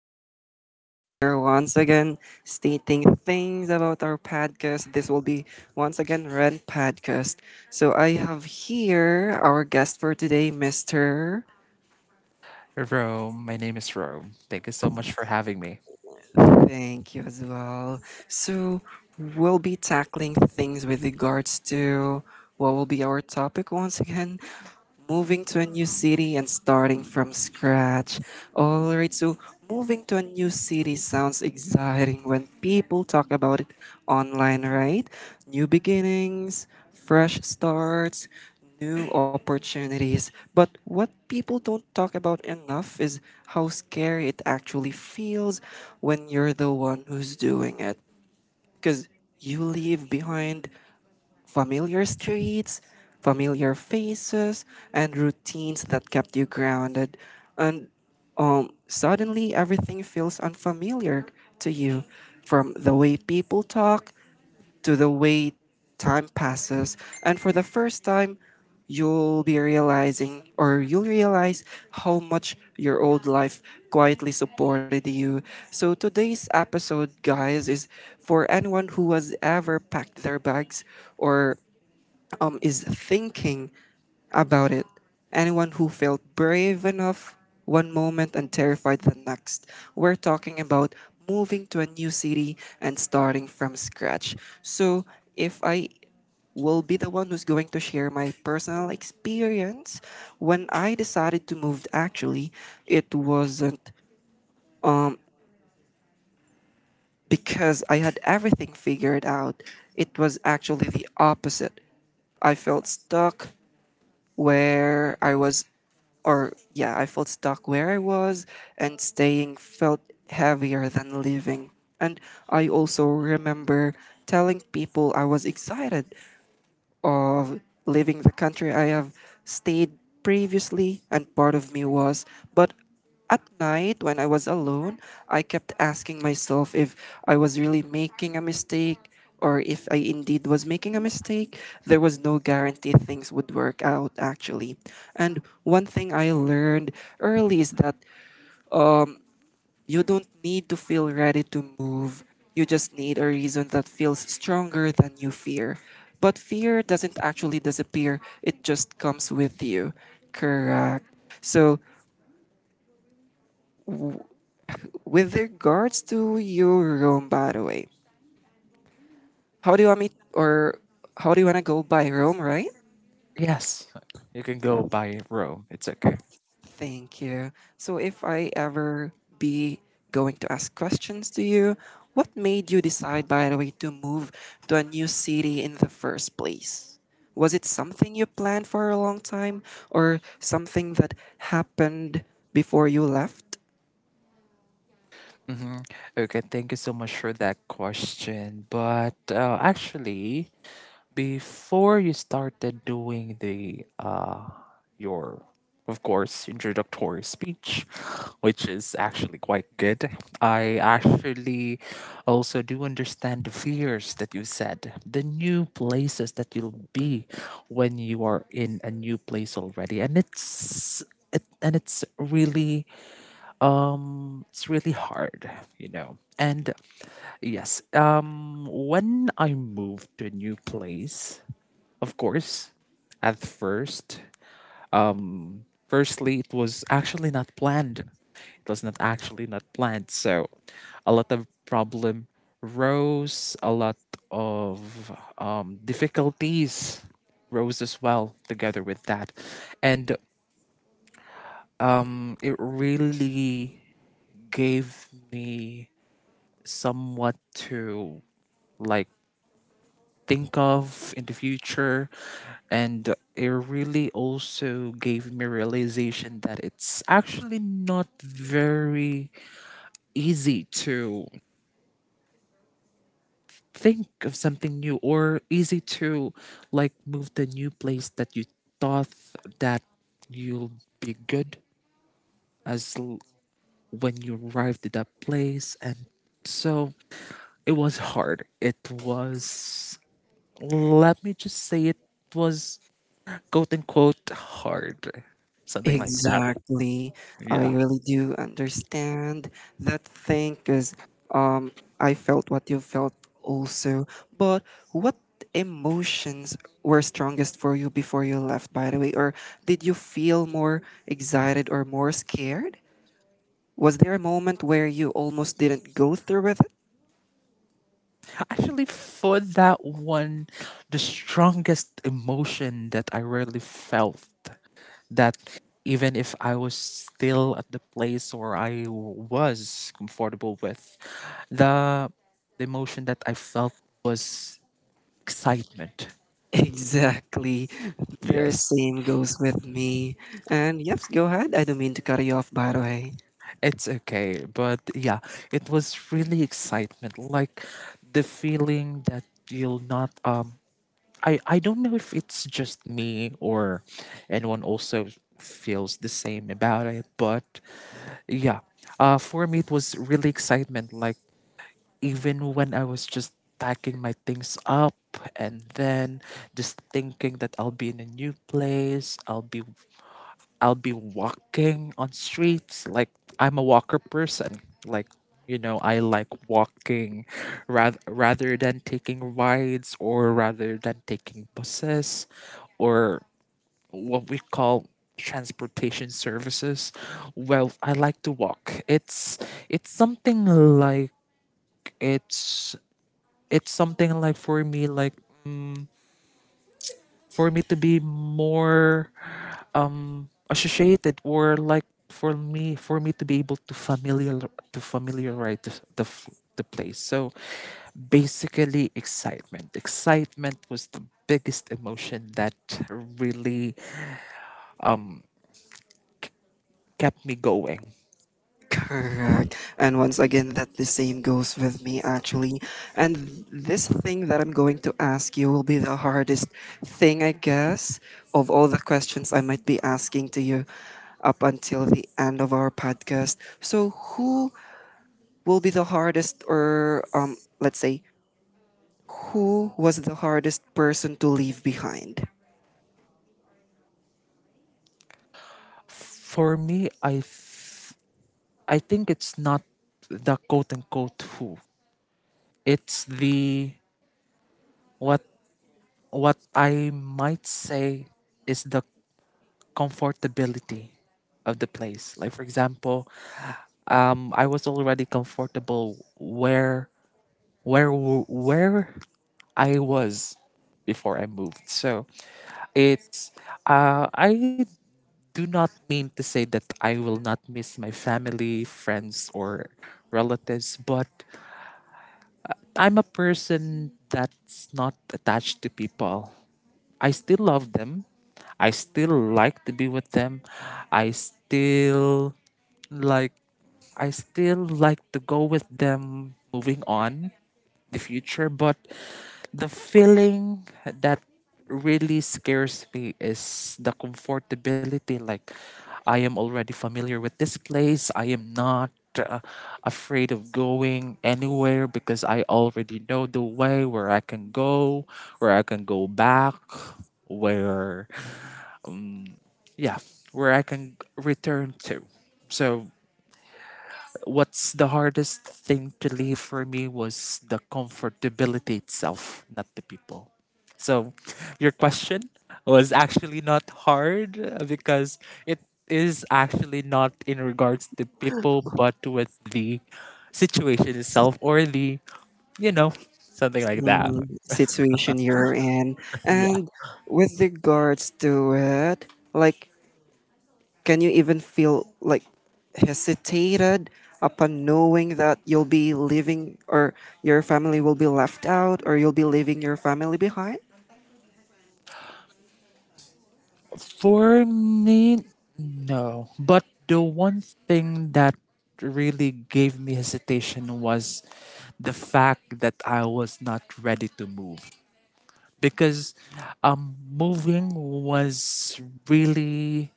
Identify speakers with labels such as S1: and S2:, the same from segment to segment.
S1: guys. So we're here once again, stating things about our podcast. This will be once again Rent Podcast. So I have here our guest for today, Mister.
S2: Hey, Rome. My name is Rome. Thank you so much for having me.
S1: Thank you as well. So, we'll be tackling things with regards to what will be our topic once again, moving to a new city and starting from scratch. All right, so moving to a new city sounds exciting when people talk about it online, right? New beginnings, fresh starts, new opportunities. But what people don't talk about enough is how scary it actually feels when you're the one who's doing it. Because you leave behind familiar streets, familiar faces, and routines that kept you grounded. And suddenly everything feels unfamiliar to you, from the way people talk to the way time passes. And for the first time, you'll be realizing or you'll realize how much your old life quietly supported you. So today's episode, guys, is for anyone who has ever packed their bags, or is thinking about it. Anyone who felt brave enough one moment and terrified the next. We're talking about moving to a new city and starting from scratch. So, if I will be the one who's going to share my personal experience, when I decided to move, actually, it wasn't because I had everything figured out, it was actually the opposite. I felt stuck, where I was, I felt stuck where I was, and staying felt heavier than leaving. And I also remember telling people I was excited of leaving the country I have stayed previously, and part of me was. But at night, when I was alone, I kept asking myself if I was really making a mistake or if I indeed was making a mistake. There was no guarantee things would work out, actually. And one thing I learned early is that you don't need to feel ready to move. You just need a reason that feels stronger than you fear. But fear doesn't actually disappear, it just comes with you. Correct. So, with regards to your Rome, by the way, how do you want me, or how do you want to go by Rome, right?
S2: Yes, you can go by Rome. It's okay.
S1: Thank you. So, if I ever be going to ask questions to you, what made you decide, by the way, to move to a new city in the first place? Was it something you planned for a long time or something that happened before you left?
S2: Mm-hmm. Okay, thank you so much for that question. But actually, before you started doing the your, of course, introductory speech, which is actually quite good, I actually also do understand the fears that you said, the new places that you'll be when you are in a new place already, and it's really it's really hard. And yes, when I moved to a new place, of course, at first, firstly, it was actually not planned. It was not actually not planned. So a lot of problem rose, a lot of difficulties rose as well together with that. And it really gave me somewhat to, like, think of in the future. And it really also gave me realization that it's actually not very easy to think of something new, or easy to, like, move the new place that you thought that you'll be good as l- when you arrived at that place. And so it was hard, it was Let me just say it was, quote unquote, hard. Something like that.
S1: Exactly. I
S2: Yeah.
S1: really do understand that thing because um, I felt what you felt also. But what emotions were strongest for you before you left, by the way? Or did you feel more excited or more scared? Was there a moment where you almost didn't go through with it?
S2: Actually, for that one, the strongest emotion that I really felt, that even if I was still at the place where I was comfortable with, the, the emotion that I felt was excitement.
S1: Exactly. The
S2: Yes.
S1: same goes with me. And yes, go ahead. I don't mean to cut you off, by the way.
S2: It's okay, but yeah, it was really excitement, like the feeling that you'll not I don't know if it's just me or anyone also feels the same about it, but yeah. Uh, for me it was really excitement, like even when I was just packing my things up and then just thinking that I'll be in a new place, I'll be walking on streets. Like, I'm a walker person. Like, you know, I like walking, rather than taking rides, or rather than taking buses or what we call transportation services. Well, I like to walk. It's something like it's it's something like, for me, like, mm, for me to be more associated, or like, for me to be able to familiarize the place. So basically, excitement was the biggest emotion that really um kept me going.
S1: Correct. And once again, that the same goes with me actually. And this thing that I'm going to ask you will be the hardest thing, I guess, of all the questions I might be asking to you up until the end of our podcast. So, who will be the hardest, or let's say, who was the hardest person to leave behind?
S2: For me, I think it's not the, quote unquote, who, it's the what. What I might say is the comfortability of the place. Like for example, I was already comfortable where I was before I moved. So it's, I do not mean to say that I will not miss my family, friends, or relatives, but I'm a person that's not attached to people. I still love them. I still like to be with them. I still like I still like to go with them moving on the future. But the feeling that really scares me is the comfortability. Like, I am already familiar with this place. I am not, uh, afraid of going anywhere because I already know the way, where I can go, where I can go back, where, yeah, where I can return to. So, what's the hardest thing to leave for me was the comfortability itself, not the people. So your question was actually not hard, because it is actually not in regards to people, but with the situation itself, or the, you know, something like that.
S1: Situation you're in. And with regards to it, like, can you even feel like hesitated upon knowing that you'll be leaving or your family will be left out or you'll be leaving your family behind?
S2: For me, no. But the one thing that really gave me hesitation was the fact that I was not ready to move, because moving was really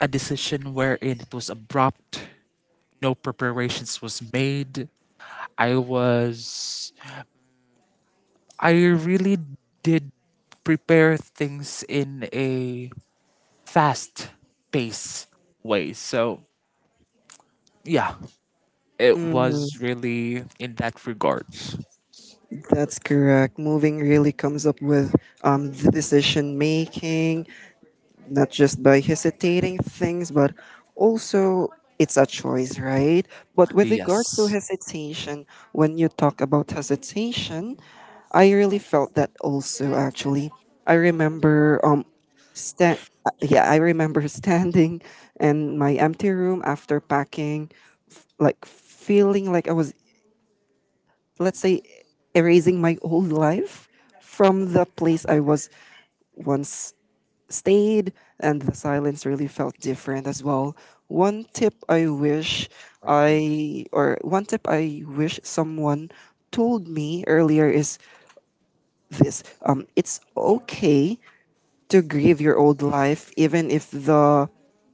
S2: a decision wherein it was abrupt. No preparations was made. I was. I really did prepare things in a fast pace way. So yeah, it
S1: Mm,
S2: was really in that regard.
S1: that's correct. Moving really comes up with the decision making, not just by hesitating things, but also it's a choice, right? But with regards to
S2: Yes,
S1: hesitation, when you talk about hesitation, I really felt that also actually. I remember um stand yeah, I remember standing in my empty room after packing, like feeling like I was, let's say, erasing my old life from the place I was once stayed, and the silence really felt different as well. One tip I wish
S2: agree.
S1: one tip I wish someone told me earlier is this: it's okay to grieve your old life, even if the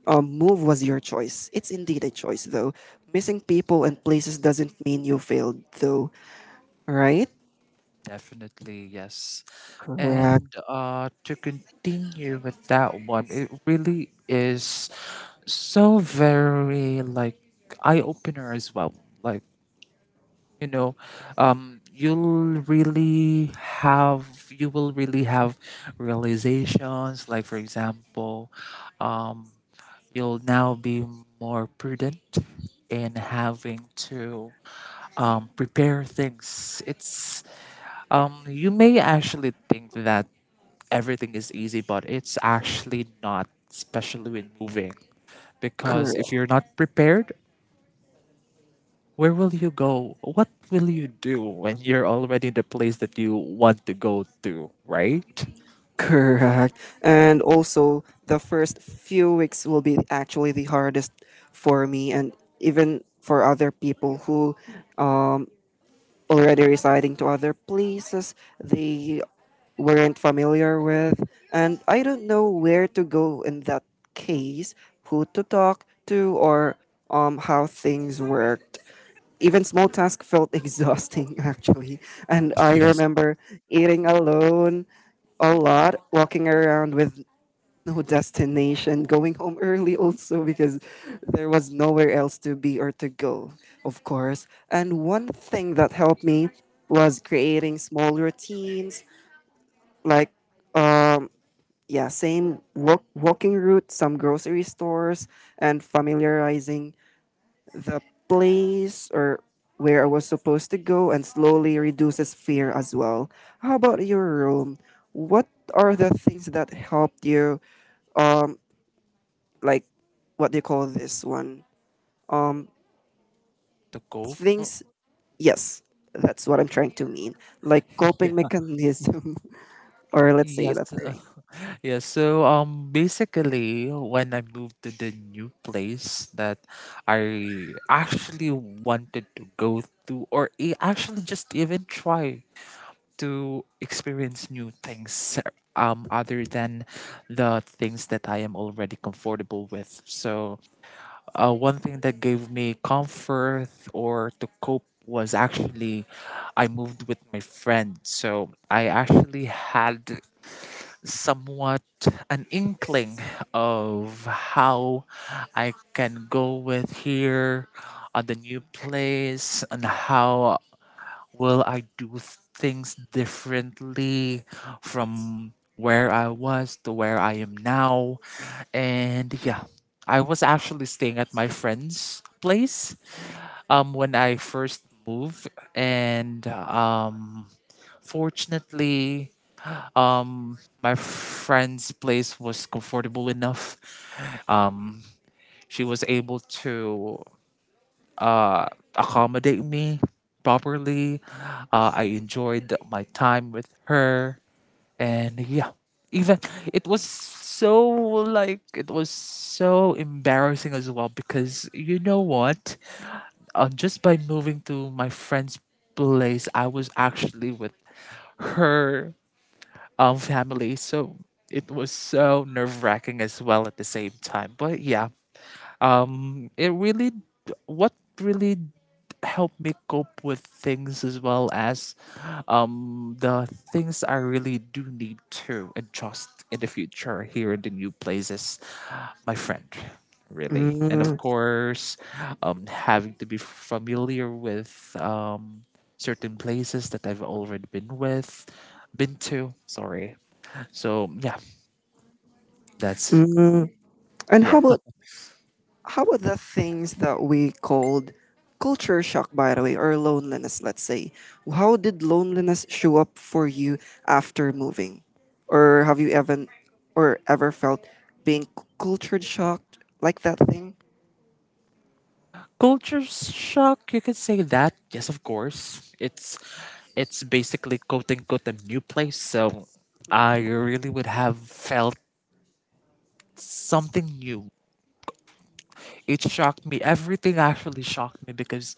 S1: move was your choice. It's indeed a choice, though. Missing people and places doesn't mean you failed, though, right?
S2: Definitely, yes.
S1: Correct.
S2: And to continue with that one, it really is so very, like, eye opener as well. Like, you know, um, you'll really you will really have realizations. Like for example, um, you'll now be more prudent in having to, prepare things. It's, you may actually think that everything is easy, but it's actually not, especially with moving. Because if you're not prepared, where will you go? What will you do when you're already in the place that you want to go to, right?
S1: Correct. And also, the first few weeks will be actually the hardest for me, and even for other people who um, already residing to other places they weren't familiar with, and I don't know where to go in that case, who to talk to, or how things worked. Even small tasks felt exhausting actually. And I
S2: Yes.
S1: remember eating alone a lot, walking around with no destination, going home early also because there was nowhere else to be or to go, of course. And one thing that helped me was creating small routines, like, yeah, same walking route, some grocery stores, and familiarizing the place or where I was supposed to go, and slowly reduces fear as well. How about your room? What are the things that helped you, like, what do you call this one?
S2: To cope.
S1: Things, yes, that's what I'm trying to mean, like coping mechanism. Or let's say
S2: Yes.
S1: that thing.
S2: Yeah, so um, basically when I moved to the new place that I actually wanted to go to, or actually just even try to experience new things, um, other than the things that I am already comfortable with. So one thing that gave me comfort or to cope was actually I moved with my friend. So I actually had somewhat an inkling of how I can go with here on the new place and how will I do things differently from where I was to where I am now. And yeah, I was actually staying at my friend's place, um, when I first moved. And fortunately, my friend's place was comfortable enough. Um, she was able to, uh, accommodate me properly. I enjoyed my time with her, and yeah, even, it was so, like, it was so embarrassing as well, because you know what? Just by moving to my friend's place, I was actually with her, um, family. So it was so nerve wracking as well at the same time. But yeah, it really, what really helped me cope with things, as well as, um, the things I really do need to adjust in the future here in the new places, my friend. Really. And of
S1: Mm.
S2: course, having to be familiar with um, certain places that I've already been to. Sorry, so yeah, that's
S1: Mm. And how
S2: yeah. A
S1: about how about the things that we called culture shock, by the way, or loneliness? Let's say, how did loneliness show up for you after moving? Or have you ever felt being cultured shocked, like that thing?
S2: culture shock, you could say that. Yes, of course. It's basically, quote unquote, a new place, so I really would have felt something new. It shocked me. Everything actually shocked me, because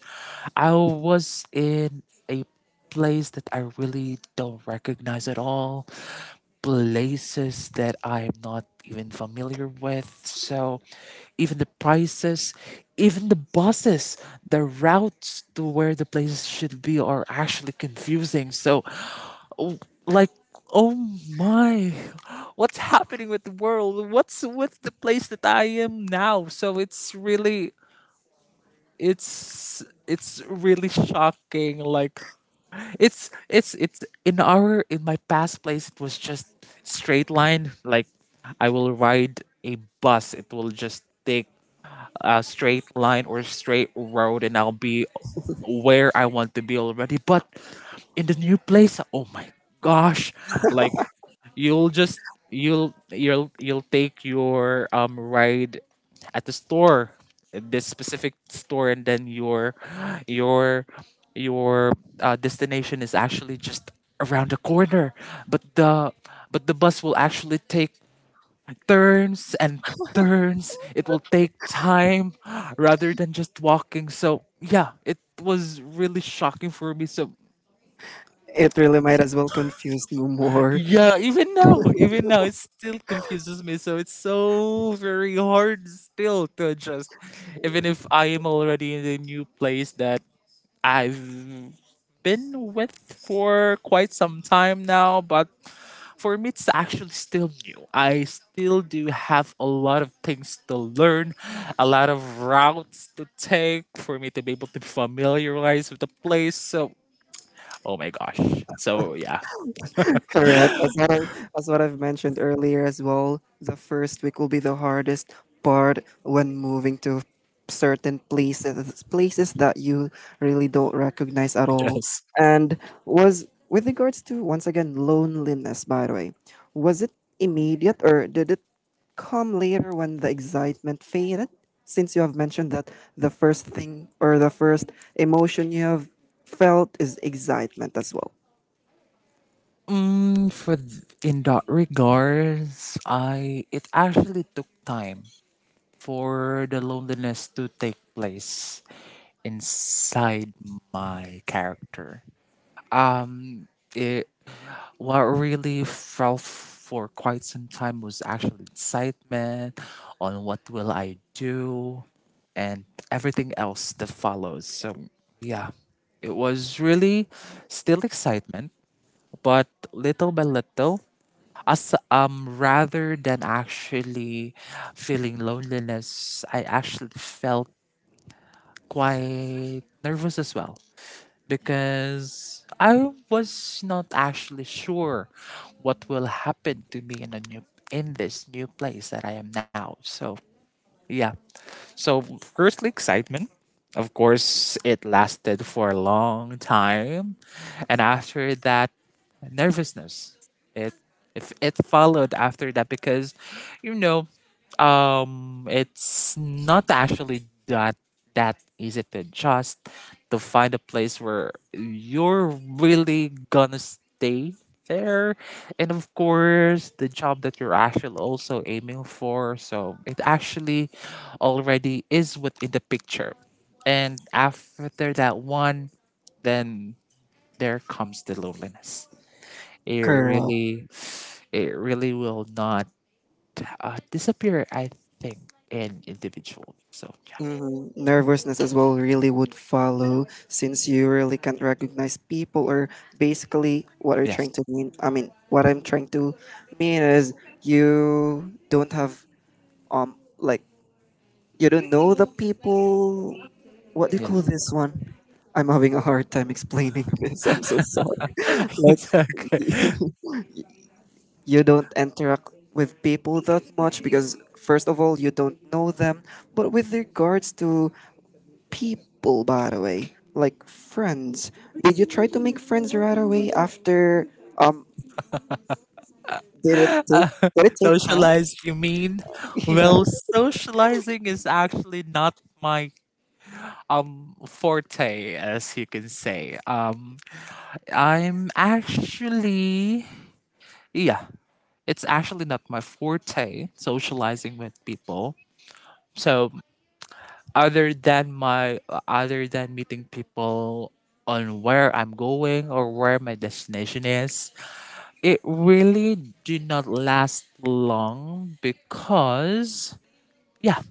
S2: I was in a place that I really don't recognize at all, places that I'm not even familiar with. So even the prices, even the buses, the routes to where the places should be are actually confusing. So, oh, like, oh my, what's happening with the world, what's with the place that I am now? So it's really, it's really shocking. Like, it's in our in my past place, it was just straight line. Like, I will ride a bus, it will just take a straight line or straight road, and I'll be where I want to be already. But in the new place, oh my gosh, like, You'll just you'll take your, um, ride at the store, this specific store, and then your your destination is actually just around the corner. But the bus will actually take turns and turns. It will take time rather than just walking. So yeah, it was really shocking for me. So
S1: It really might as well confuse no more.
S2: yeah, even now, it still confuses me. So it's so very hard still to adjust, even if I am already in the new place that I've been with for quite some time now. But for me, it's actually still new. I still do have a lot of things to learn, a lot of routes to take for me to be able to familiarize with the place. So, oh my gosh. So, yeah.
S1: Correct. As what I've mentioned earlier as well, the first week will be the hardest part when moving to certain places that you really don't recognize at all.
S2: Yes.
S1: And was with regards to, once again, loneliness, by the way, was it immediate or did it come later when the excitement faded? Since you have mentioned that the first emotion you have felt is excitement as well.
S2: Mm, for in that regards, I it actually took time for the loneliness to take place inside my character. Um, it, what really felt for quite some time was actually excitement on what will I do and everything else that follows. So yeah, it was really still excitement. But little by little, as, um, rather than actually feeling loneliness, I actually felt quite nervous as well, because I was not actually sure what will happen to me in a new in this new place that I am now. So yeah. So firstly, excitement. Of course, it lasted for a long time, and after that, nervousness. It if it followed after that because, you know, um, it's not actually that easy to adjust, to find a place where you're really gonna stay there, and of course the job that you're actually also aiming for. So it actually already is within the picture. And after that one, then there comes the loneliness. it
S1: Correct.
S2: really it really will not, disappear, I think, in individual. So yeah,
S1: Mhm. Nervousness as well really would follow since you really can't recognize people, or basically what are
S2: yes,
S1: trying to mean. I mean, what I'm trying to mean is um like you don't know the people. What do you call
S2: yes,
S1: this one? I'm having a hard time explaining this. I'm so sorry. Like,
S2: it's okay.
S1: you don't interact with people that much because first of all you don't know them. But with regards to people, by the way? Like friends. Did you try to make friends right away after? Um, did it take?
S2: Uh,
S1: Did it take time?
S2: socialize, you mean?
S1: Yeah.
S2: Well, socializing is actually not my, um, forte, as you can say. I'm actually, yeah, it's actually not my forte socializing with people. So other than my, other than meeting people on where I'm going or where my destination is, it really did not last long, because yeah,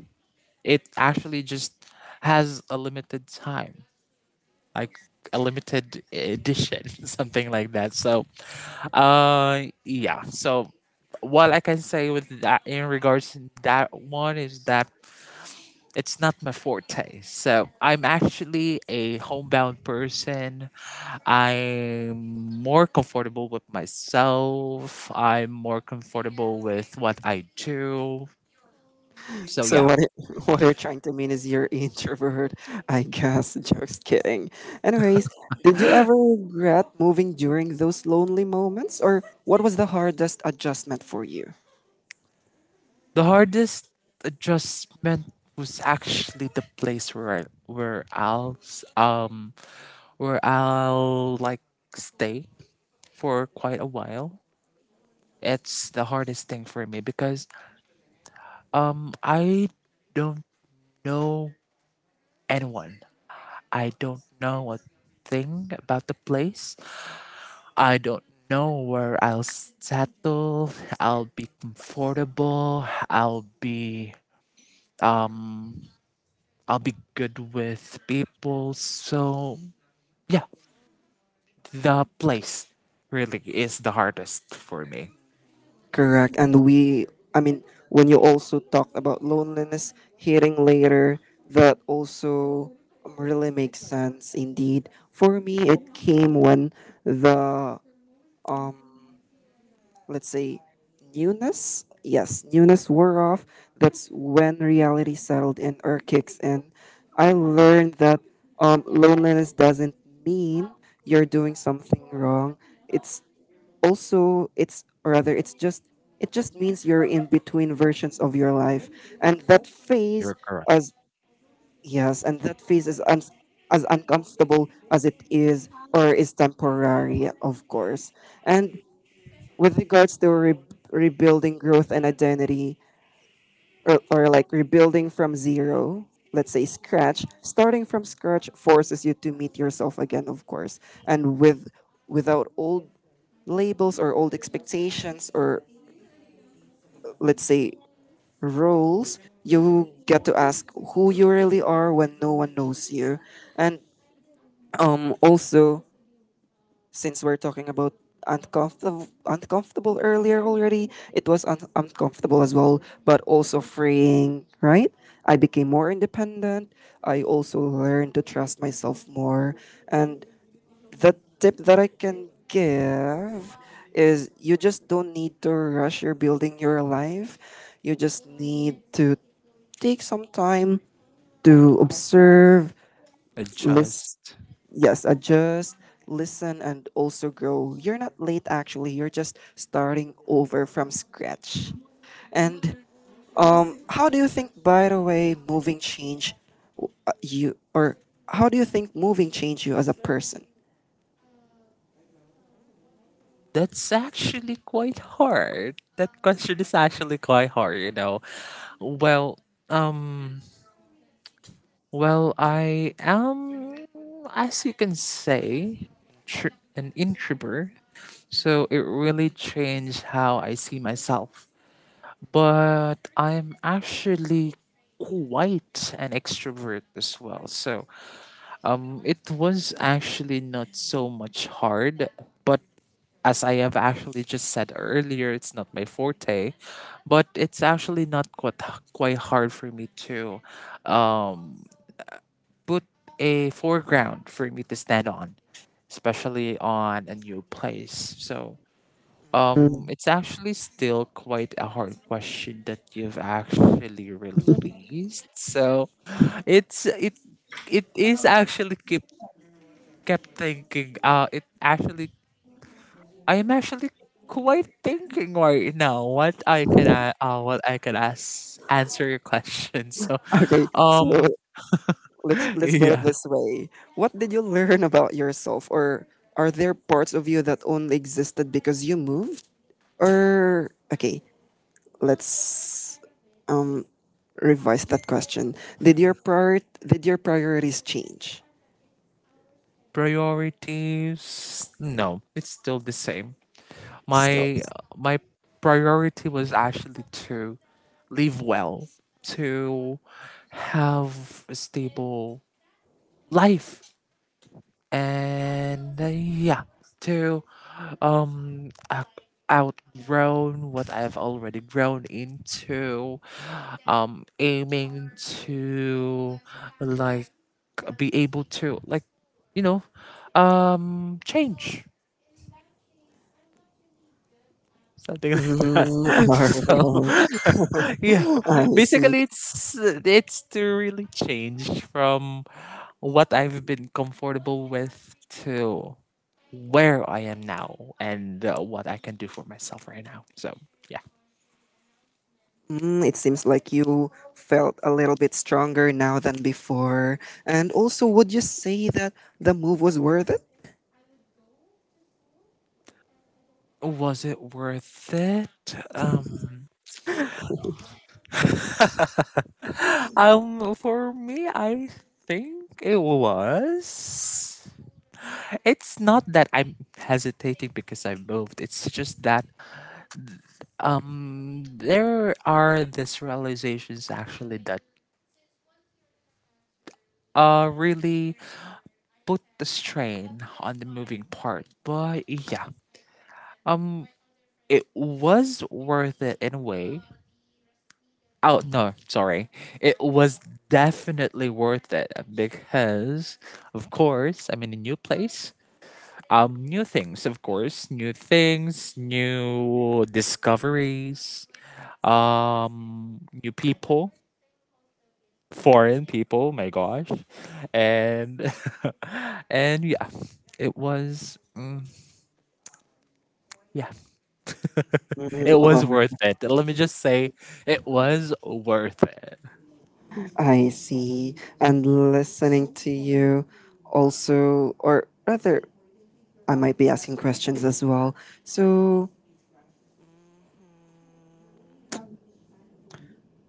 S2: it actually just has a limited time. Like a limited edition, something like that. So yeah. So what I can say with that in regards to that one is that it's not my forte. So I'm actually a homebound person. I'm more comfortable with myself. I'm more comfortable with what I do. So
S1: So
S2: yeah,
S1: what? What you're trying to mean is you're introvert, I guess. Just kidding. Anyways, did you ever regret moving during those lonely moments, or what was the hardest adjustment for you?
S2: the hardest adjustment was actually the place where I, where I'll s- where I'll like stay for quite a while. It's the hardest thing for me because I don't know anyone. I don't know a thing about the place. I don't know where I'll settle. I'll be comfortable. Um I'll be good with people. So yeah, the place really is the hardest for me.
S1: Correct. And I mean, when you also talked about loneliness hitting later, that also really makes sense indeed. For me, it came when the, let's say, newness wore off. That's when reality settled in or kicks in. I learned that loneliness doesn't mean you're doing something wrong. It's also it's or rather it's just it just means you're in between versions of your life, and
S2: You're correct.
S1: as that phase is as uncomfortable as it is, or is temporary, of course. And with regards to rebuilding, growth, and identity, or, like rebuilding from zero, let's say, scratch starting from scratch forces you to meet yourself again, of course. And with without old labels or old expectations, or, let's say, roles, you get to ask who you really are when no one knows you. And also, since we're talking about uncomfortable earlier already, it was uncomfortable as well, but also freeing, right? I became more independent. I also learned to trust myself more. And the tip that I can give is you just don't need to rush your building your life. You just need to take some time to observe, list,
S2: Adjust.
S1: yes, adjust, listen, and also grow. You're not late actually. You're just starting over from scratch. And how do you think, by the way, moving change you, or how do you think moving change you as a person?
S2: That's actually quite hard. That question is actually quite hard, you know. Well, um Well, I am, as you can say, an introvert. So it really changed how I see myself. But I'm actually quite an extrovert as well. So it was actually not so much hard. But as I have actually just said earlier, it's not my forte. But it's actually not quite hard for me to um, put a foreground for me to stand on, especially on a new place. So
S1: Mm.
S2: it's actually still quite a hard question that you've actually released. So it's it it is actually kept thinking. It actually I am actually quite thinking right now what I can a- what I can ask answer your question. So
S1: Okay, so
S2: um
S1: let's put it
S2: yeah,
S1: this way. What did you learn about yourself, or are there parts of you that only existed because you moved? Or okay, let's um revise that question. Did your priorities change?
S2: priorities, no, it's still the same.
S1: Still.
S2: My my priority was actually to live well, to have a stable life, and yeah, to um out- outgrown what I've already grown into, aiming to, like, be able to, like, you know, change, something like that.
S1: Mm,
S2: So,
S1: alright.
S2: yeah,
S1: I see.
S2: basically, it's to really change from what I've been comfortable with to where I am now, and what I can do for myself right now. So, yeah.
S1: Mm, it seems like you felt a little bit stronger now than before. And also, would you say that the move was worth it?
S2: Was it worth it? Um, for me, I think it was. It's not that I'm hesitating because I moved. It's just that there are these realizations actually that really put the strain on the moving part. But yeah, um it was worth it in a way. Oh no, sorry, it was definitely worth it because of course I'm in a new place, new things, of course, new discoveries, new people, foreign people, my gosh. And and yeah, it was yeah,
S1: Mm,
S2: it was worth
S1: alright.
S2: it. Let me just say it was worth it.
S1: I see. And listening to you also, or rather, I might be asking questions as well. So,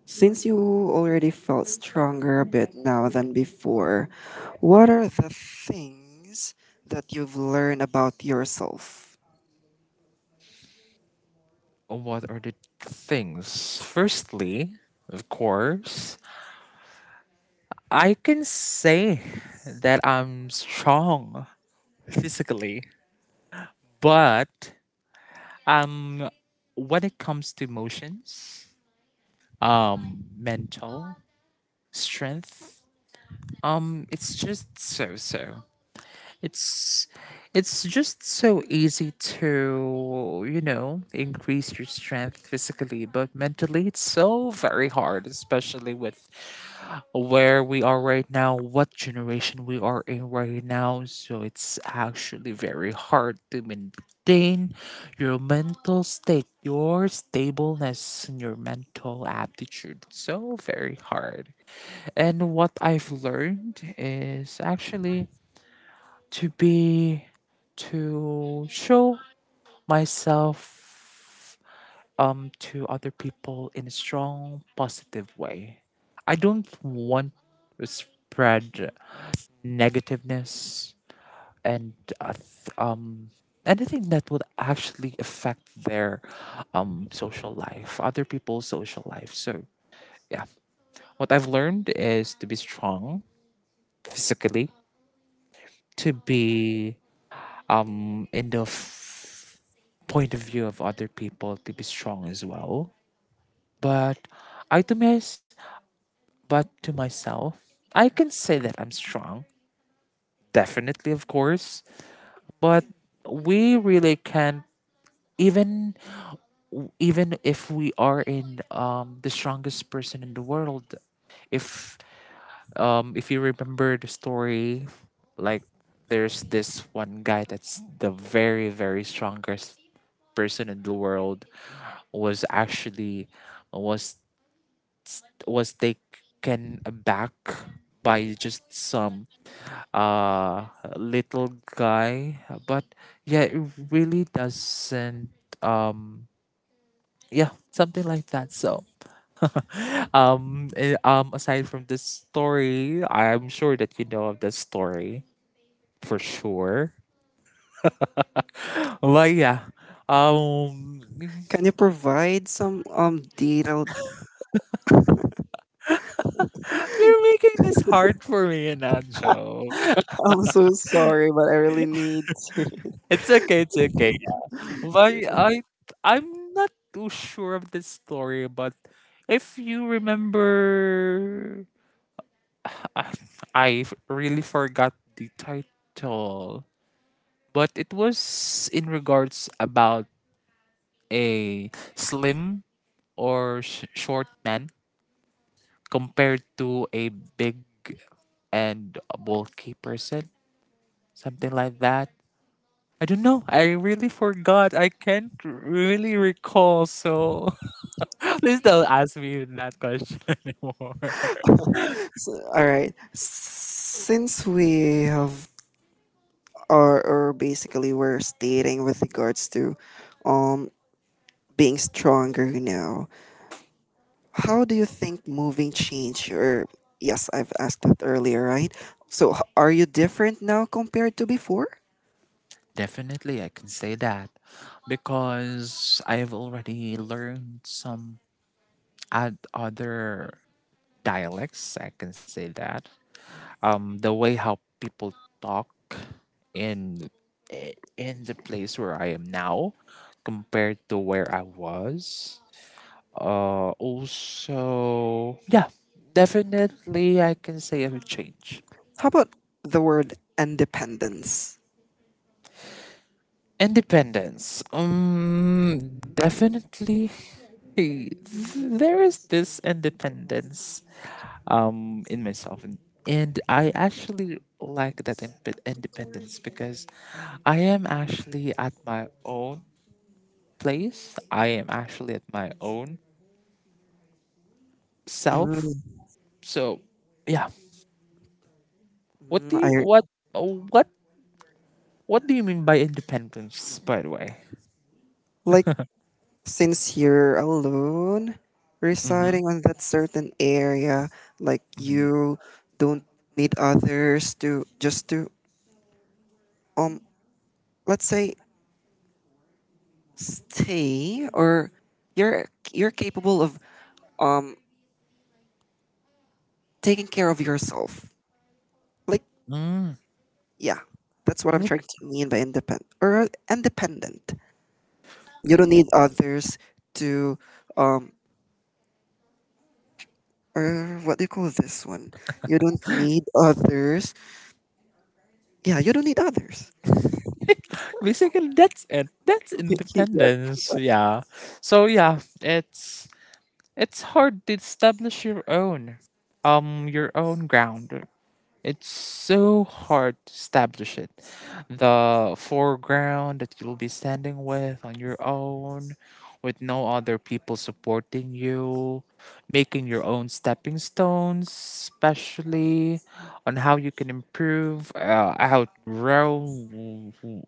S1: since you already felt stronger a bit now than before, what are the things that you've learned about yourself?
S2: What are the things? Firstly, of course, I can say that I'm strong physically, but um when it comes to emotions, mental strength. It's just so so. It's it's just so easy to, you know, increase your strength physically, but mentally it's so very hard, especially with where we are right now, what generation we are in right now. So it's actually very hard to maintain your mental state, your stableness, and your mental aptitude. So very hard. And what I've learned is actually to be to show myself to other people in a strong positive way. I don't want to spread negativeness and uh, th- um anything that would actually affect their social life, other people's social life. So yeah, what I've learned is to be strong physically, to be in the point of view of other people to be strong as well. But I to mys but to myself, I can say that I'm strong. Definitely, of course. But we really can't even, even if we are in the strongest person in the world, if if you remember the story, like there's this one guy that's the very very strongest person in the world was actually was was taken aback by just some uh little guy. But yeah, it really doesn't um yeah, something like that. So aside from this story, I'm sure that you know of this story for sure. But yeah, um
S1: Can you provide some detailed?
S2: you're making this hard for me, and not joke.
S1: I'm so sorry, but I really need to.
S2: It's okay, it's okay. But I'm not too sure of this story, but if you remember I, I really forgot the title, but it was in regards about a slim or short man compared to a big and bulky person, something like that. I don't know. I really forgot. I can't really recall. So please don't ask me that question anymore.
S1: So, all right. Since we have or basically we're stating with regards to um being stronger now. How do you think moving changed your? Yes, I've asked that earlier, right? So, are you different now compared to before?
S2: Definitely, I can say that, because I've already learned some other dialects. I can say that. The way how people talk in in the place where I am now compared to where I was. Also, yeah, definitely, I can say I've changed.
S1: How about the word independence?
S2: Independence. Definitely. There is this independence in myself. And I actually like that independence because I am actually at my own place. I am actually at my own self.
S1: Mm,
S2: So, yeah. What do you,
S1: I
S2: what, what, what do you mean by independence, by the way?
S1: like since you're alone,
S2: Mm-hmm.
S1: residing on that certain area, like you don't need others to just to um let's say stay or you're you're capable of um taking care of yourself. Like yeah, that's what I'm trying to mean by independent or independent. You don't need others to um or what do you call this one? You don't need others. Yeah, you don't need others.
S2: Basically, that's it. That's independence. Yeah. So yeah, it's hard to establish your own ground. It's so hard to establish it. The foreground that you'll be standing with on your own, with no other people supporting you, making your own stepping stones, especially on how you can improve, outgrow w- w-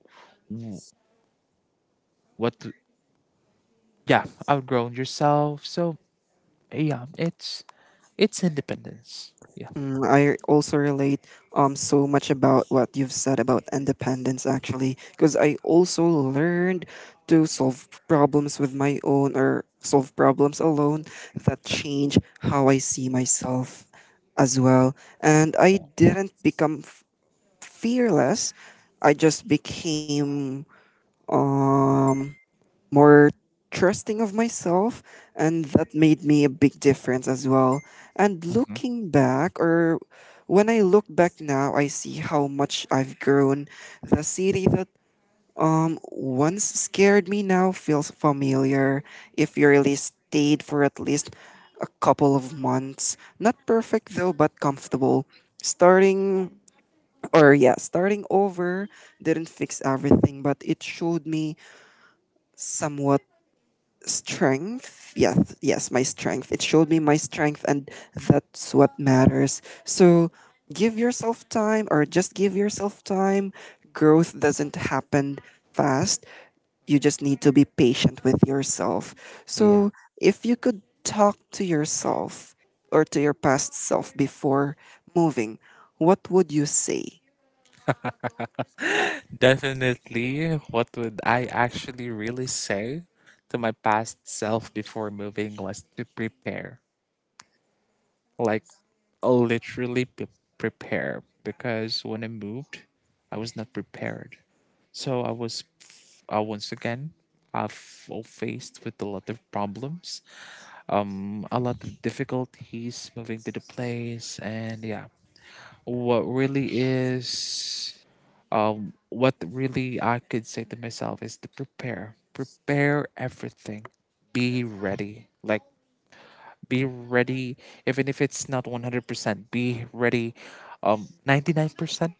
S2: what yeah, outgrown yourself. So yeah, it's independence. Yeah.
S1: Mm, I also relate so much about what you've said about independence actually because I also learned to solve problems with my own or solve problems alone that change how I see myself as well, and I
S2: Yeah.
S1: didn't become fearless. I just became um more trusting of myself, and that made me a big difference as well. And
S2: Hmm.
S1: looking back, or when I look back now, I see how much I've grown. The city that once scared me now feels familiar. If you really stayed for at least a couple of months, not perfect though but comfortable. Starting or yeah, starting over didn't fix everything, but it showed me somewhat strength. Yes, yes, my strength, it showed me my strength. And that's what matters. So give yourself time, or just give yourself time. Growth doesn't happen fast. You just need to be patient with yourself.
S2: Yeah.
S1: So if you could talk to yourself or to your past self before moving, what would you say?
S2: Definitely, what would I actually really say to my past self before moving was to prepare. Like, literally prepare, because when I moved, I was not prepared. So I was, once again, I faced with a lot of problems, a lot of difficulties moving to the place. And yeah, what really is, what really I could say to myself is to prepare, prepare everything, be ready, like be ready even if it's not 100%, be ready 99%.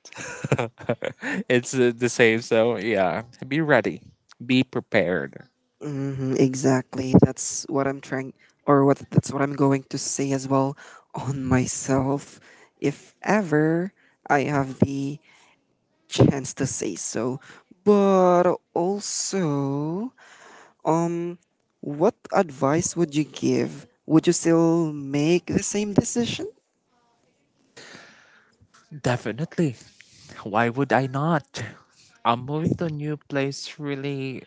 S2: It's the same. So yeah, be ready, be prepared.
S1: Hmm, exactly. That's what I'm trying, or what that's what I'm going to say as well on myself, if ever I have the chance to say so. But also, um, what advice would you give? Would you still make the same decision?
S2: Definitely, why would I not? I'm moving to a new place. Really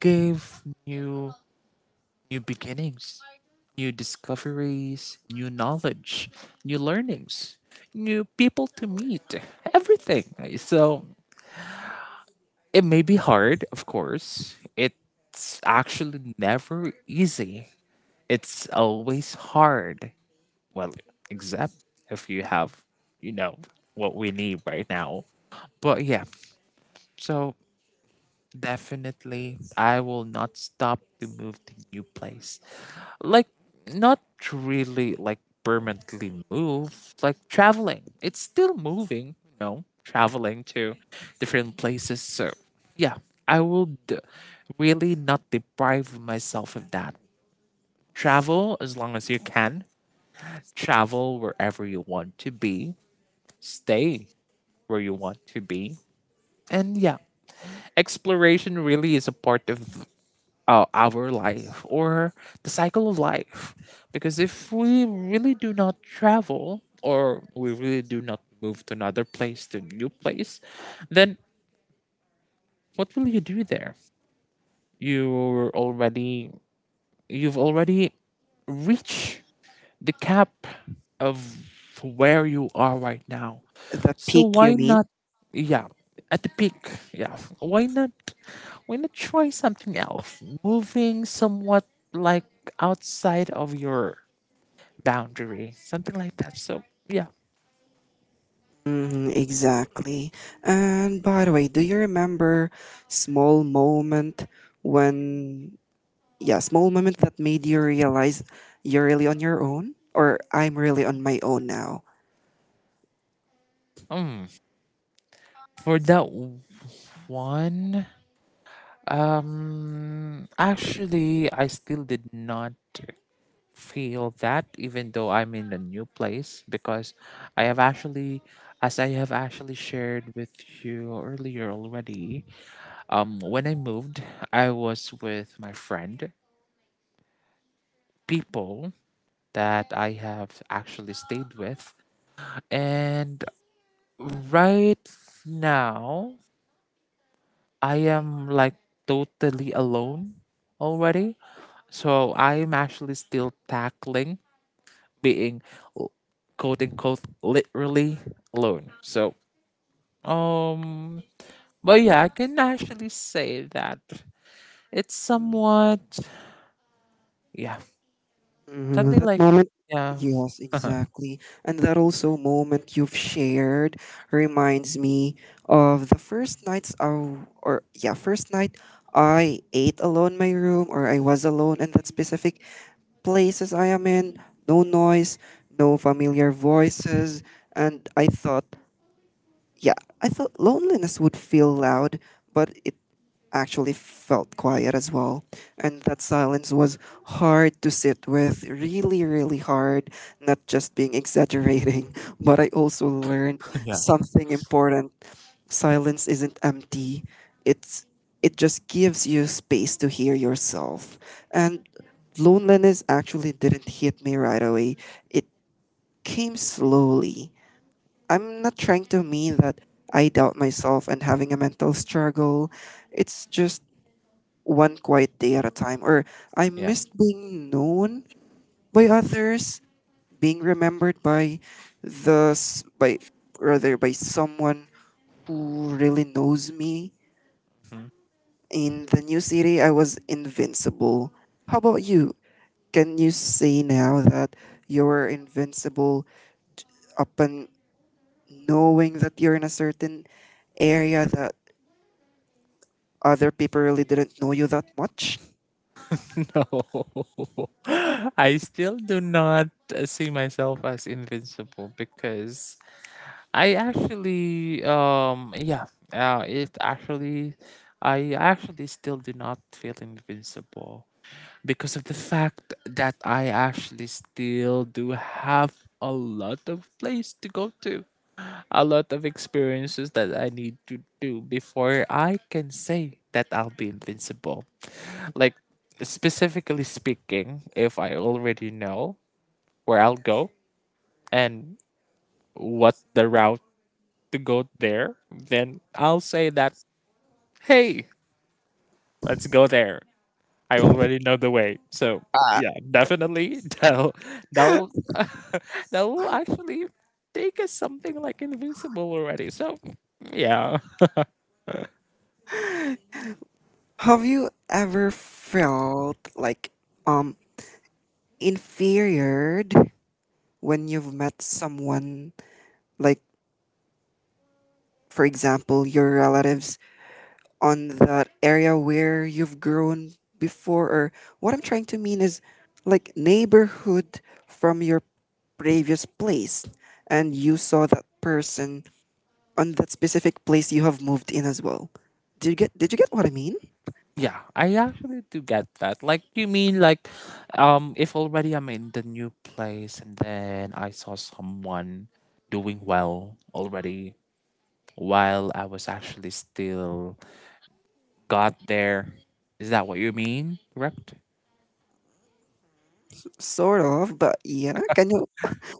S2: gave new, new beginnings, new discoveries, new knowledge, new learnings, new people to meet, everything. So it may be hard, of course. It's actually never easy. It's always hard. Well, except if you have, you know, what we need right now. But yeah, so definitely, I will not stop to move to new place. Like, not really like permanently move, like traveling. It's still moving, you know, traveling to different places. So, yeah, I would really not deprive myself of that. Travel as long as you can, travel wherever you want to be, stay where you want to be. And yeah, exploration really is a part of our life, or the cycle of life. Because if we really do not travel, or we really do not move to another place, to a new place, then what will you do there? You're already, you've already reached the cap of where you are right now.
S1: The
S2: So
S1: peak, you
S2: why
S1: mean?
S2: not? Yeah, at the peak. Yeah, why not? Why not try something else? Moving somewhat like outside of your boundary, something like that. So yeah,
S1: Hmm, exactly. And by the way, do you remember small moment when yeah, small moment that made you realize you're really on your own, or I'm really on my own now.
S2: mm, for that one, actually, I still did not feel that, even though I'm in a new place, because I have actually as I have actually shared with you earlier already, when I moved, I was with my friend, people that I have actually stayed with. And right now, I am like totally alone already. So I'm actually still tackling being l- quote unquote literally alone. So um but yeah, I can actually say that it's somewhat yeah,
S1: Mm,
S2: something
S1: that
S2: like
S1: moment,
S2: yeah.
S1: yes, exactly. And that also moment you've shared reminds me of the first nights of, or yeah, first night I ate alone in my room, or I was alone in that specific places I am in. No noise, no familiar voices. And I thought, yeah, I thought loneliness would feel loud, but it actually felt quiet as well. And that silence was hard to sit with, really, really hard, not just being exaggerating, but I also learned
S2: Yeah.
S1: something important. Silence isn't empty. It's it just gives you space to hear yourself. And loneliness actually didn't hit me right away. It came slowly. I'm not trying to mean that I doubt myself and having a mental struggle. It's just one quiet day at a time, or I
S2: Yeah.
S1: missed being known by others, being remembered by by rather by someone who really knows me.
S2: Mhm.
S1: In the new city, I was invincible. How about you? Can you say now that you're invincible upon knowing that you're in a certain area that other people really didn't know you that much?
S2: No. I still do not see myself as invincible, because I actually, yeah, it actually, I actually still do not feel invincible because of the fact that I actually still do have a lot of place to go to, a lot of experiences that I need to do before I can say that I'll be invincible. Like, specifically speaking, if I already know where I'll go and what the route to go there, then I'll say that, hey, let's go there. I already know the way. So yeah, definitely that'll that'll that'll actually take us something like invincible already. So yeah.
S1: Have you ever felt like um inferior when you've met someone like, for example, your relatives on that area where you've grown before, or what I'm trying to mean is like neighborhood from your previous place, and you saw that person on that specific place you have moved in as well. Did you get what I mean?
S2: Yeah, I actually do get that. Like you mean like if already I'm in the new place and then I saw someone doing well already while I was actually still got there. Is that what you mean? Correct?
S1: Sort of, but yeah. Can you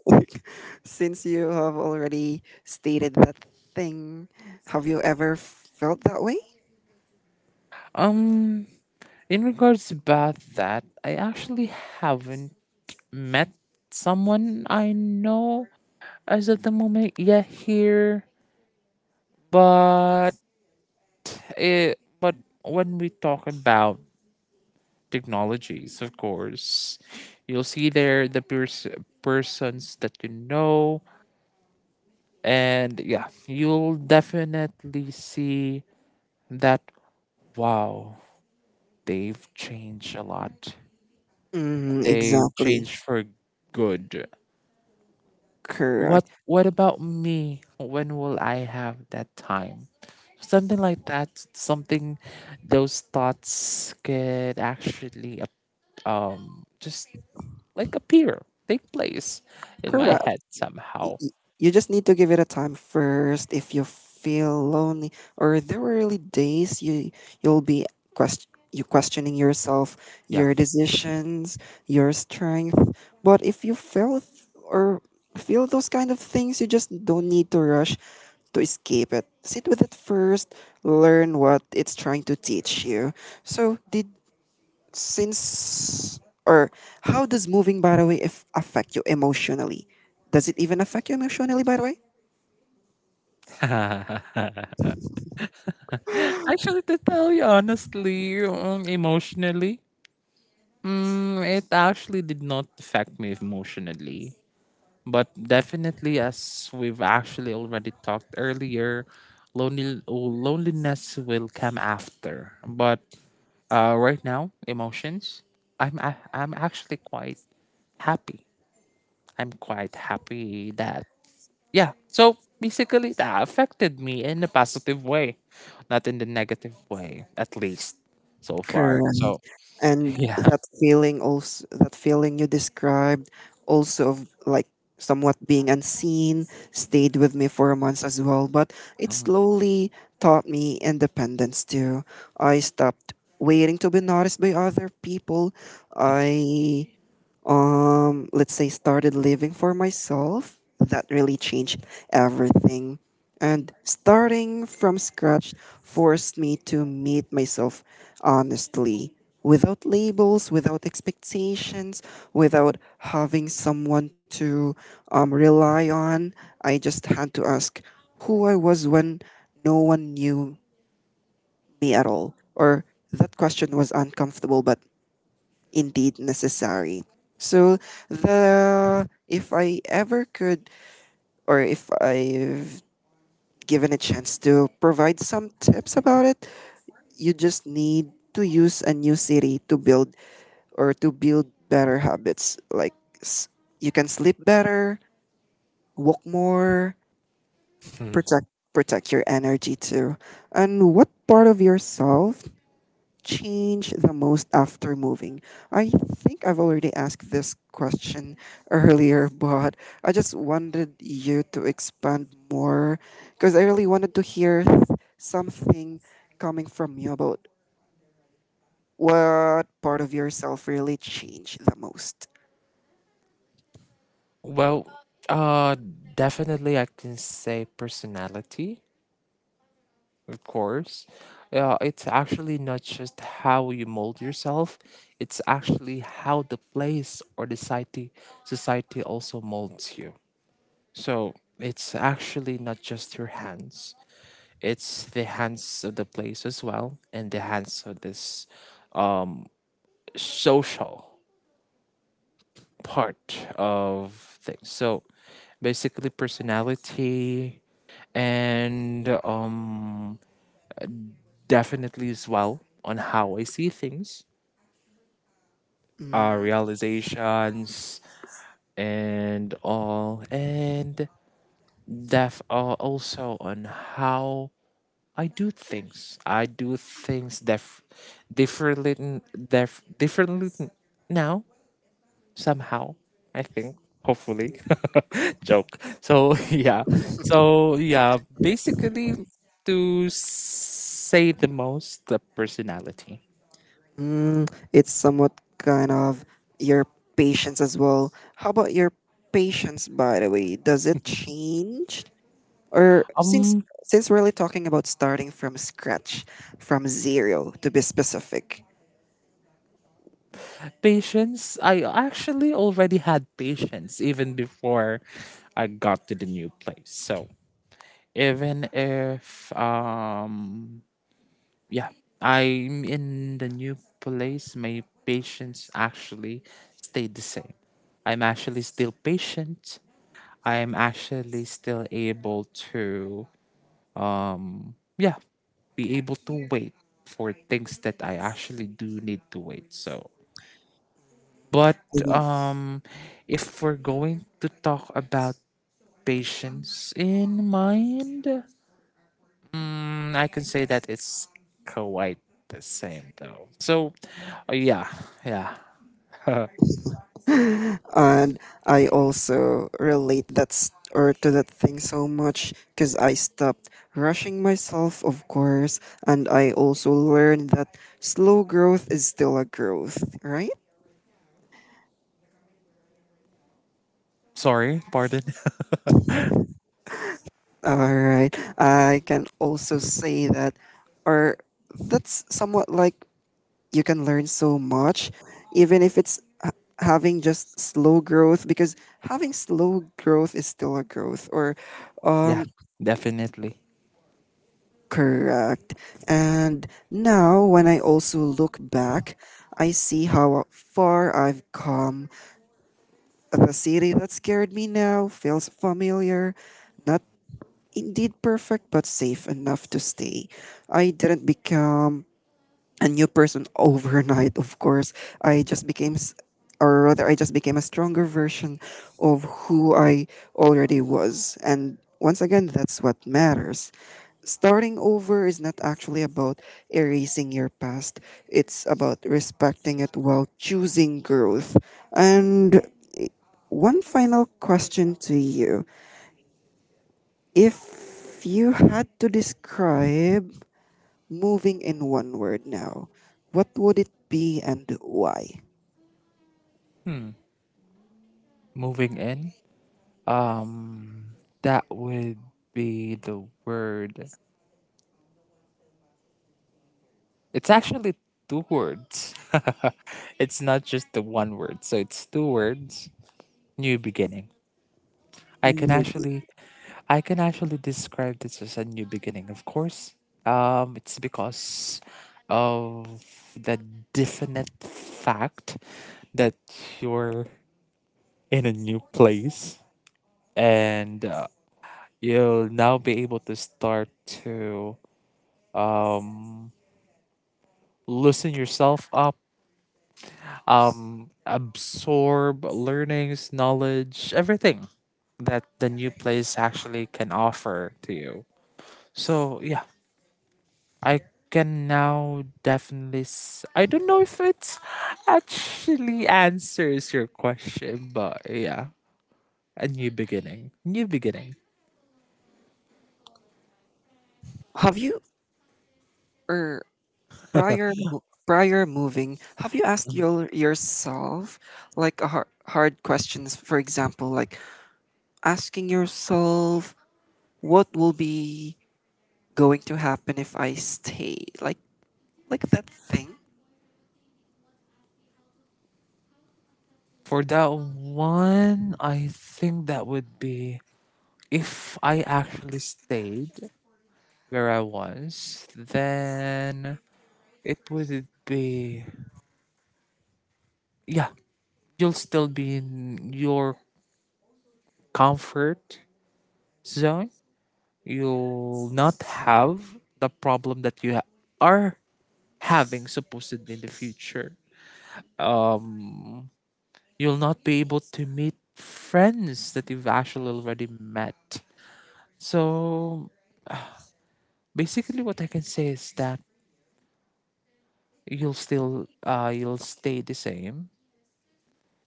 S1: since you have already stated that thing, have you ever felt that way?
S2: Um, in regards about that, I actually haven't met someone I know as at the moment yet here. But but when we talk about technologies, of course, you'll see there the persons that you know. And yeah, you'll definitely see that, wow, they've changed a lot.
S1: Mm,
S2: They've
S1: exactly.
S2: changed for good.
S1: Correct.
S2: What about me? When will I have that time? Something like that. Something those thoughts could actually ap- just like appear, take place in my
S1: Correct.
S2: head somehow.
S1: You just need to give it a time first. If you feel lonely, or there were really days you you'll be quest you questioning yourself,
S2: Yeah.
S1: your decisions, your strength. But if you feel or feel those kind of things, you just don't need to rush to escape it. Sit with it first, learn what it's trying to teach you. So did, since, or how does moving, by the way, if affect you emotionally? Does it even affect you emotionally, by the way?
S2: Actually, to tell you honestly, emotionally, it actually did not affect me emotionally. But definitely, as we've actually already talked earlier, loneliness will come after. But right now, emotions, I'm actually quite happy. I'm quite happy that, yeah. So basically, that affected me in a positive way, not in the negative way, at least so far.
S1: Correct.
S2: So,
S1: And
S2: yeah.
S1: that feeling, also that feeling you described also, of like somewhat being unseen stayed with me for months as well, but it slowly taught me independence too. I stopped waiting to be noticed by other people. I let's say started living for myself. That really changed everything. And starting from scratch forced me to meet myself honestly, without labels, without expectations, without having someone to rely on. I just had to ask who I was when no one knew me at all, or that question was uncomfortable but indeed necessary. So the if I ever could, or if I've given a chance to provide some tips about it, you just need to use a new city to build or to build better habits. Like s- you can sleep better, walk more,
S2: Mhm.
S1: protect protect your energy too. And what part of yourself change the most after moving? I think I've already asked this question earlier, but I just wanted you to expand more because I really wanted to hear something coming from you about what part of yourself really changed the most.
S2: Well, uh, definitely I can say personality. Of course. Yeah, it's actually not just how you mold yourself, it's actually how the place or the society also molds you. So it's actually not just your hands. It's the hands of the place as well and the hands of this um social part of things. So basically personality and definitely as well on how I see things, realizations, and all, and def also on how I do things. I do things differently, differently, now somehow. I think hopefully joke. So yeah, so yeah, basically to say the most, the personality.
S1: Mm, it's somewhat kind of your patience as well. How about your patience, by the way? Does it change? Or since
S2: Um,
S1: since we're really talking about starting from scratch, from zero to be specific.
S2: Patience. I actually already had patience even before I got to the new place. So even if yeah, I'm in the new place, my patience actually stayed the same. I'm actually still patient. I'm actually still able to yeah, be able to wait for things that I actually do need to wait. So but
S1: Mhm.
S2: um, if we're going to talk about patience in mind, I can say that it's quite the same though. So, yeah, yeah.
S1: And I also relate that or to that thing so much because I stopped rushing myself, of course, and I also learned that slow growth is still a growth, right?
S2: Sorry, pardon.
S1: All right. I can also say that, or that's somewhat like you can learn so much even if it's having just slow growth, because having slow growth is still a growth or
S2: yeah,
S1: um
S2: definitely.
S1: correct. And now when I also look back, I see how far I've come. The city that scared me now feels familiar, not indeed perfect but safe enough to stay. I didn't become a new person overnight, of course. I just became, or rather, I just became a stronger version of who I already was. And once again, that's what matters. Starting over is not actually about erasing your past, it's about respecting it while choosing growth. And one final question to you. If you had to describe moving in one word now. What would it be and why?
S2: Moving in. Um, that would be the word. It's actually two words. It's not just the one word. So it's two words. New beginning. I can
S1: No.
S2: actually I can actually describe this as a new beginning. Of course, it's because of the definite fact that you're in a new place and you'll now be able to start to um, loosen yourself up, absorb learnings, knowledge, everything that the new place actually can offer to you. So yeah, I can now definitely. I don't know if it's actually answers your question, but yeah, a new beginning. New beginning.
S1: Have you or prior moving, have you asked yourself like a hard questions? For example, like asking yourself what will be going to happen if I stay, like that thing.
S2: For that one, I think that would be if I actually stayed where I was, then it would be yeah, you'll still be in your comfort zone. You'll not have the problem that are having supposedly in the future. Um, you'll not be able to meet friends that you've actually already met. So basically, what I can say is that you'll still you'll stay the same.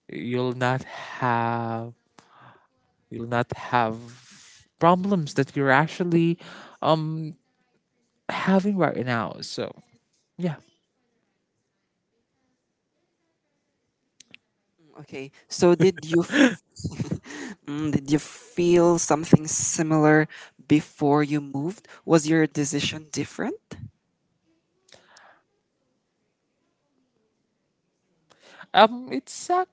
S2: You'll not have you'll not have problems that you're actually um having right now. So yeah,
S1: Mm, okay, so did you mm, did you feel something similar before you moved? Was your decision different?
S2: it's a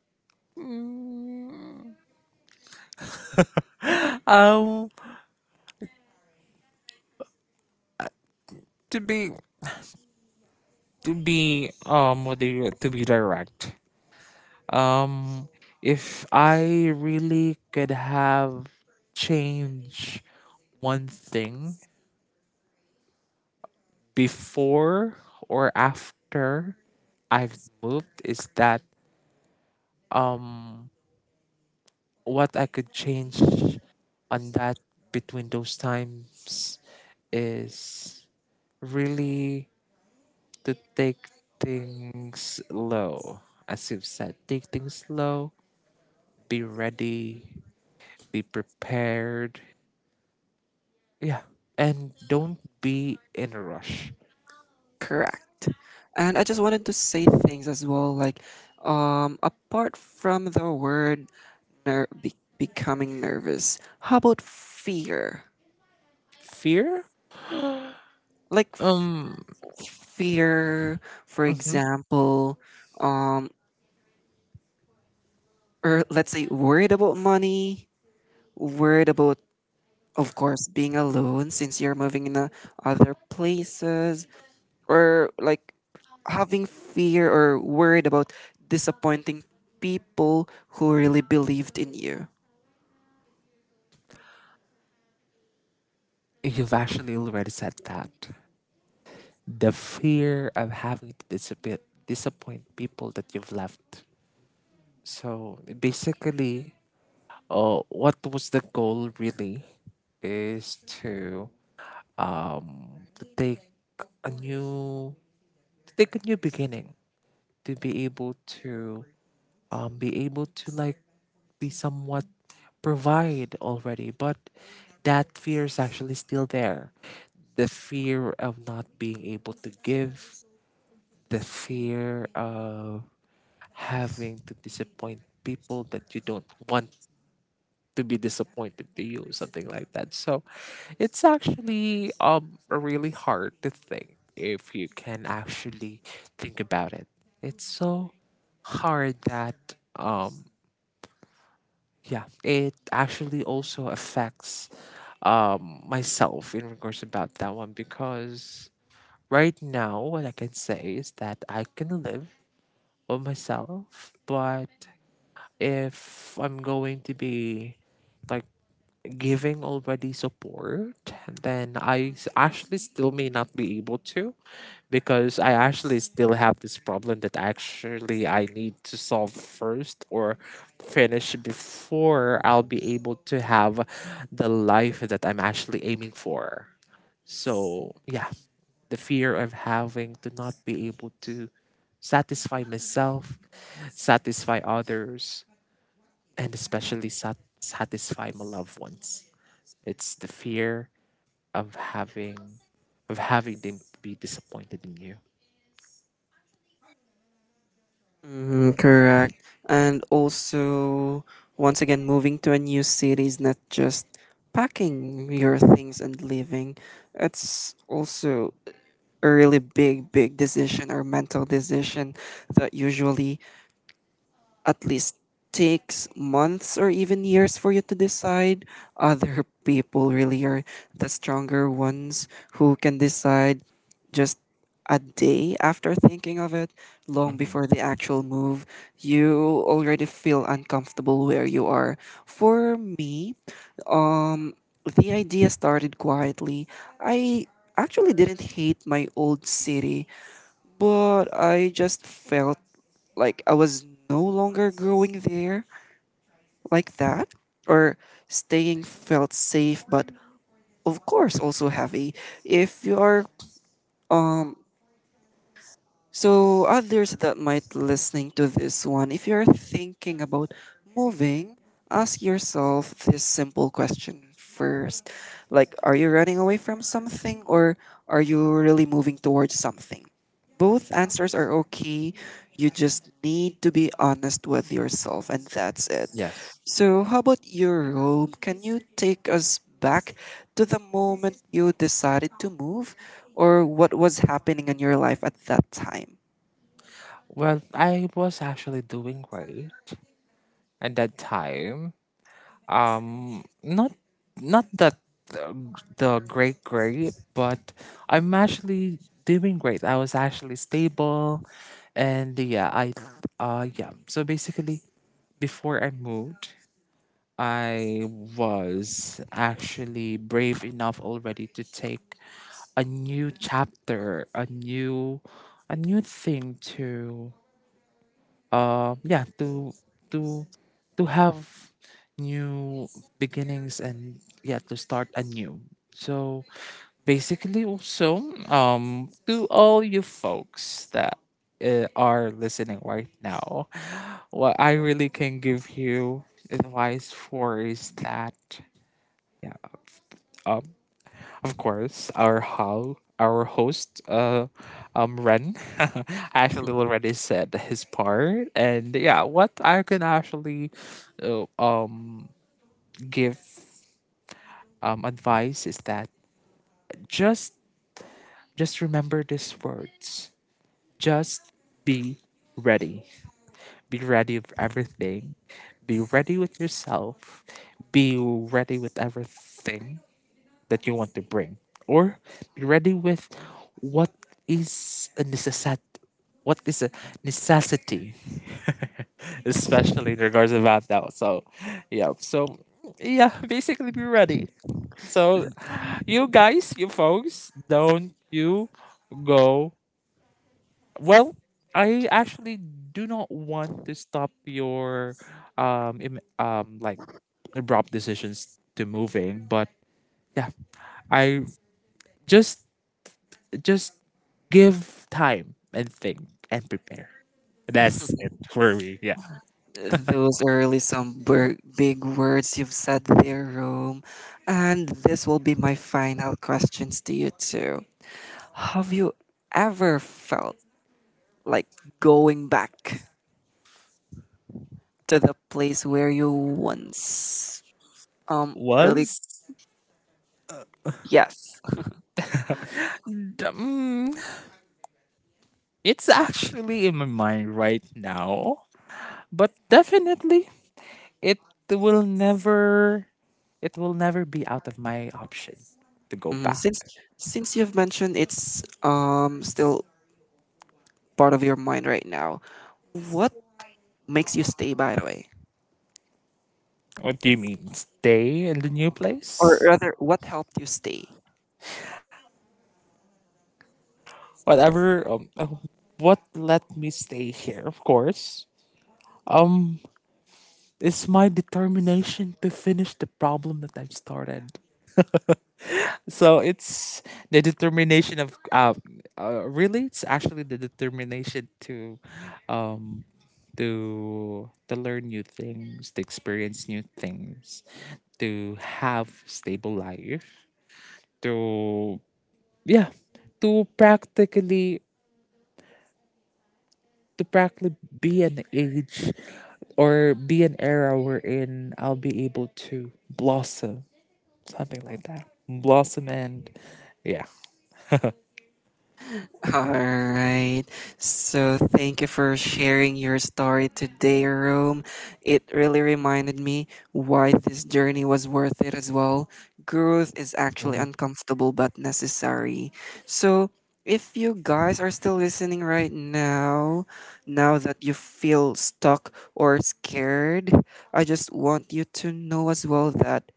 S2: Mm, um to be what do you to be direct. um if I really could have change one thing before or after I've moved is that um what I could change on that between those times is really to take things slow. As you've said, take things slow, be ready, be prepared. Yeah. And don't be in a rush.
S1: Correct. And I just wanted to say things as well, like, apart from the word becoming nervous, how about fear?
S2: Fear?
S1: Like
S2: Um,
S1: fear, for
S2: mhm.
S1: example, um, or let's say worried about money, worried about, of course, being alone since you're moving in other places, or like having fear or worried about disappointing people who really believed in you.
S2: You've actually already said that. The fear of having to disappoint people that you've left. So basically, what was the goal really? Is to take a new to take a new beginning to be able to be able to like we somewhat provide already, but that fear is actually still there. The fear of not being able to give, the fear of having to disappoint people that you don't want to be disappointed to you, something like that. So it's actually a really hard to think if you can actually think about it. It's so hard that yeah, it actually also affects myself in regards about that one because right now what I can say is that I can live on myself but if I'm going to be like giving already support, then actually still may not be able to because I actually still have this problem that actually I need to solve first or finish before I'll be able to have the life that I'm actually aiming for. So, yeah, the fear of having to not be able to satisfy myself, satisfy others, and especially satisfy my loved ones. It's the fear of having of having them be disappointed in you.
S1: Mm, correct. And also, once again, moving to a new city is not just packing your things and leaving. It's also a really big decision or mental decision that usually at least takes months or even years for you to decide. Other people really are the stronger ones who can decide just a day after thinking of it, long before the actual move. You already feel uncomfortable where you are. For me, um, the idea started quietly. I actually didn't hate my old city, but I just felt like I was no longer growing there like that, or staying felt safe, but of course also heavy. If you are um, so others that might listening to this one, if you're thinking about moving, ask yourself this simple question first, like are you running away from something, or are you really moving towards something? Both answers are okay. You just need to be honest with yourself, and that's it.
S2: Yes.
S1: So, how about you, Rome? Can you take us back to the moment you decided to move, or what was happening in your life at that time?
S2: Well, I was actually doing great at that time. Not not that the, the great great, but I'm actually doing great. I was actually stable, and yeah, I yeah. So basically, before I moved, I was actually brave enough already to take a new chapter, a new thing to yeah to to to have new beginnings and yeah to start anew. So basically also to all you folks that are listening right now, what I really can give you advice for is that yeah, um of course, our host, Ren, actually already said his part, and yeah, what I can actually, uh, um, give advice is that just just remember these words. Just be ready. Be ready of everything. Be ready with yourself. Be ready with everything that you want to bring, or be ready with what is a necessity. What is a necessity, especially in regards to that now. So, yeah. So, yeah. Basically, be ready. So, you guys, you folks, don't you go. Well, I actually do not want to stop your like abrupt decisions to moving, but yeah, I just just give time and think and prepare. That's it for me. Yeah.
S1: Those are really some big words you've said there, Rome. And this will be my final questions to you, too. Have you ever felt like going back to the place where you once really
S2: Was
S1: yes.
S2: um, it's actually in my mind right now, but definitely it will never it will never be out of my option to go
S1: Mm,
S2: back.
S1: since you've mentioned it's still part of your mind right now, what makes you stay, by the way,
S2: What do you mean? Stay in the new
S1: or
S2: place?
S1: rather what helped you stay?
S2: Whatever what let me stay here, of course. Um It's my determination to finish the problem that I've started. So it's the determination of really it's actually the determination to um to learn new things, to experience new things, to have stable life, to yeah, to practically to practically be an age or be an era wherein I'll be able to blossom, something like that. Blossom and yeah.
S1: All right. So thank you for sharing your story today, Rome. It really reminded me why this journey was worth it as well. Growth is actually
S2: Mhm.
S1: uncomfortable but necessary. So if you guys are still listening right now, now that you feel stuck or scared, I just want you to know as well that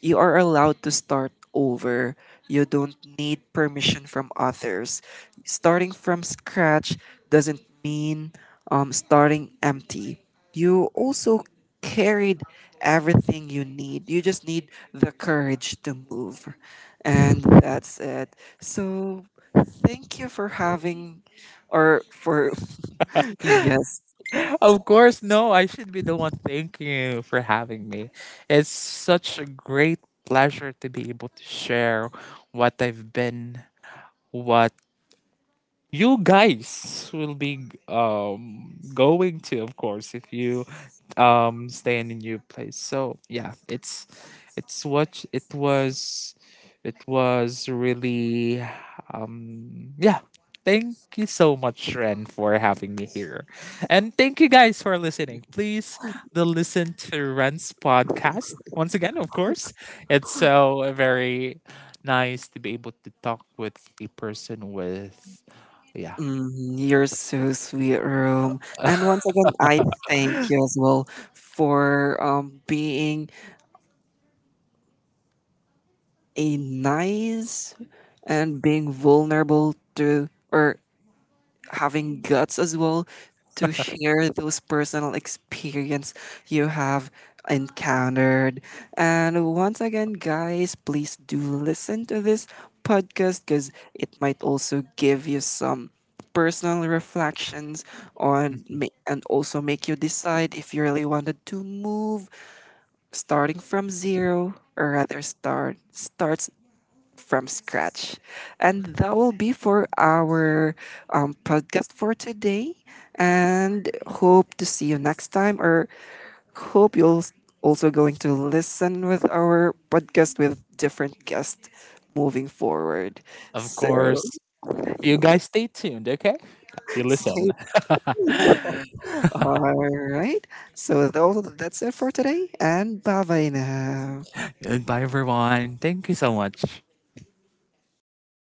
S1: you are allowed to start over. You don't need permission from others. Starting from scratch doesn't mean starting empty. You also carried everything you need. You just need the courage to move. And that's it. So thank you for having or for yes.
S2: Of course, no, I should be the one. Thank you for having me. It's such a great pleasure to be able to share what I've been, what you guys will be going to, of course, if you stay in a new place. So yeah, it's what it was. It was really yeah, thank you so much, Ren, for having me here, and thank you guys for listening. Please do listen to Ren's podcast once again. Of course, it's so very nice to be able to talk with a person with yeah.
S1: Mm, you're so sweet, Room. And once again, I thank you as well for being a nice and being vulnerable to or having guts as well to share those personal experience you have encountered. And once again, guys, please do listen to this podcast because it might also give you some personal reflections on and also make you decide if you really wanted to move starting from zero, or rather starts from scratch. And that will be for our podcast for today. And hope to see you next time, or hope you'll also going to listen with our podcast with different guests moving forward.
S2: Of
S1: So,
S2: course. You guys stay tuned, okay? You
S1: stay.
S2: listen.
S1: All right. So that's it for today, and bye bye now.
S2: Goodbye, everyone. Thank you so much.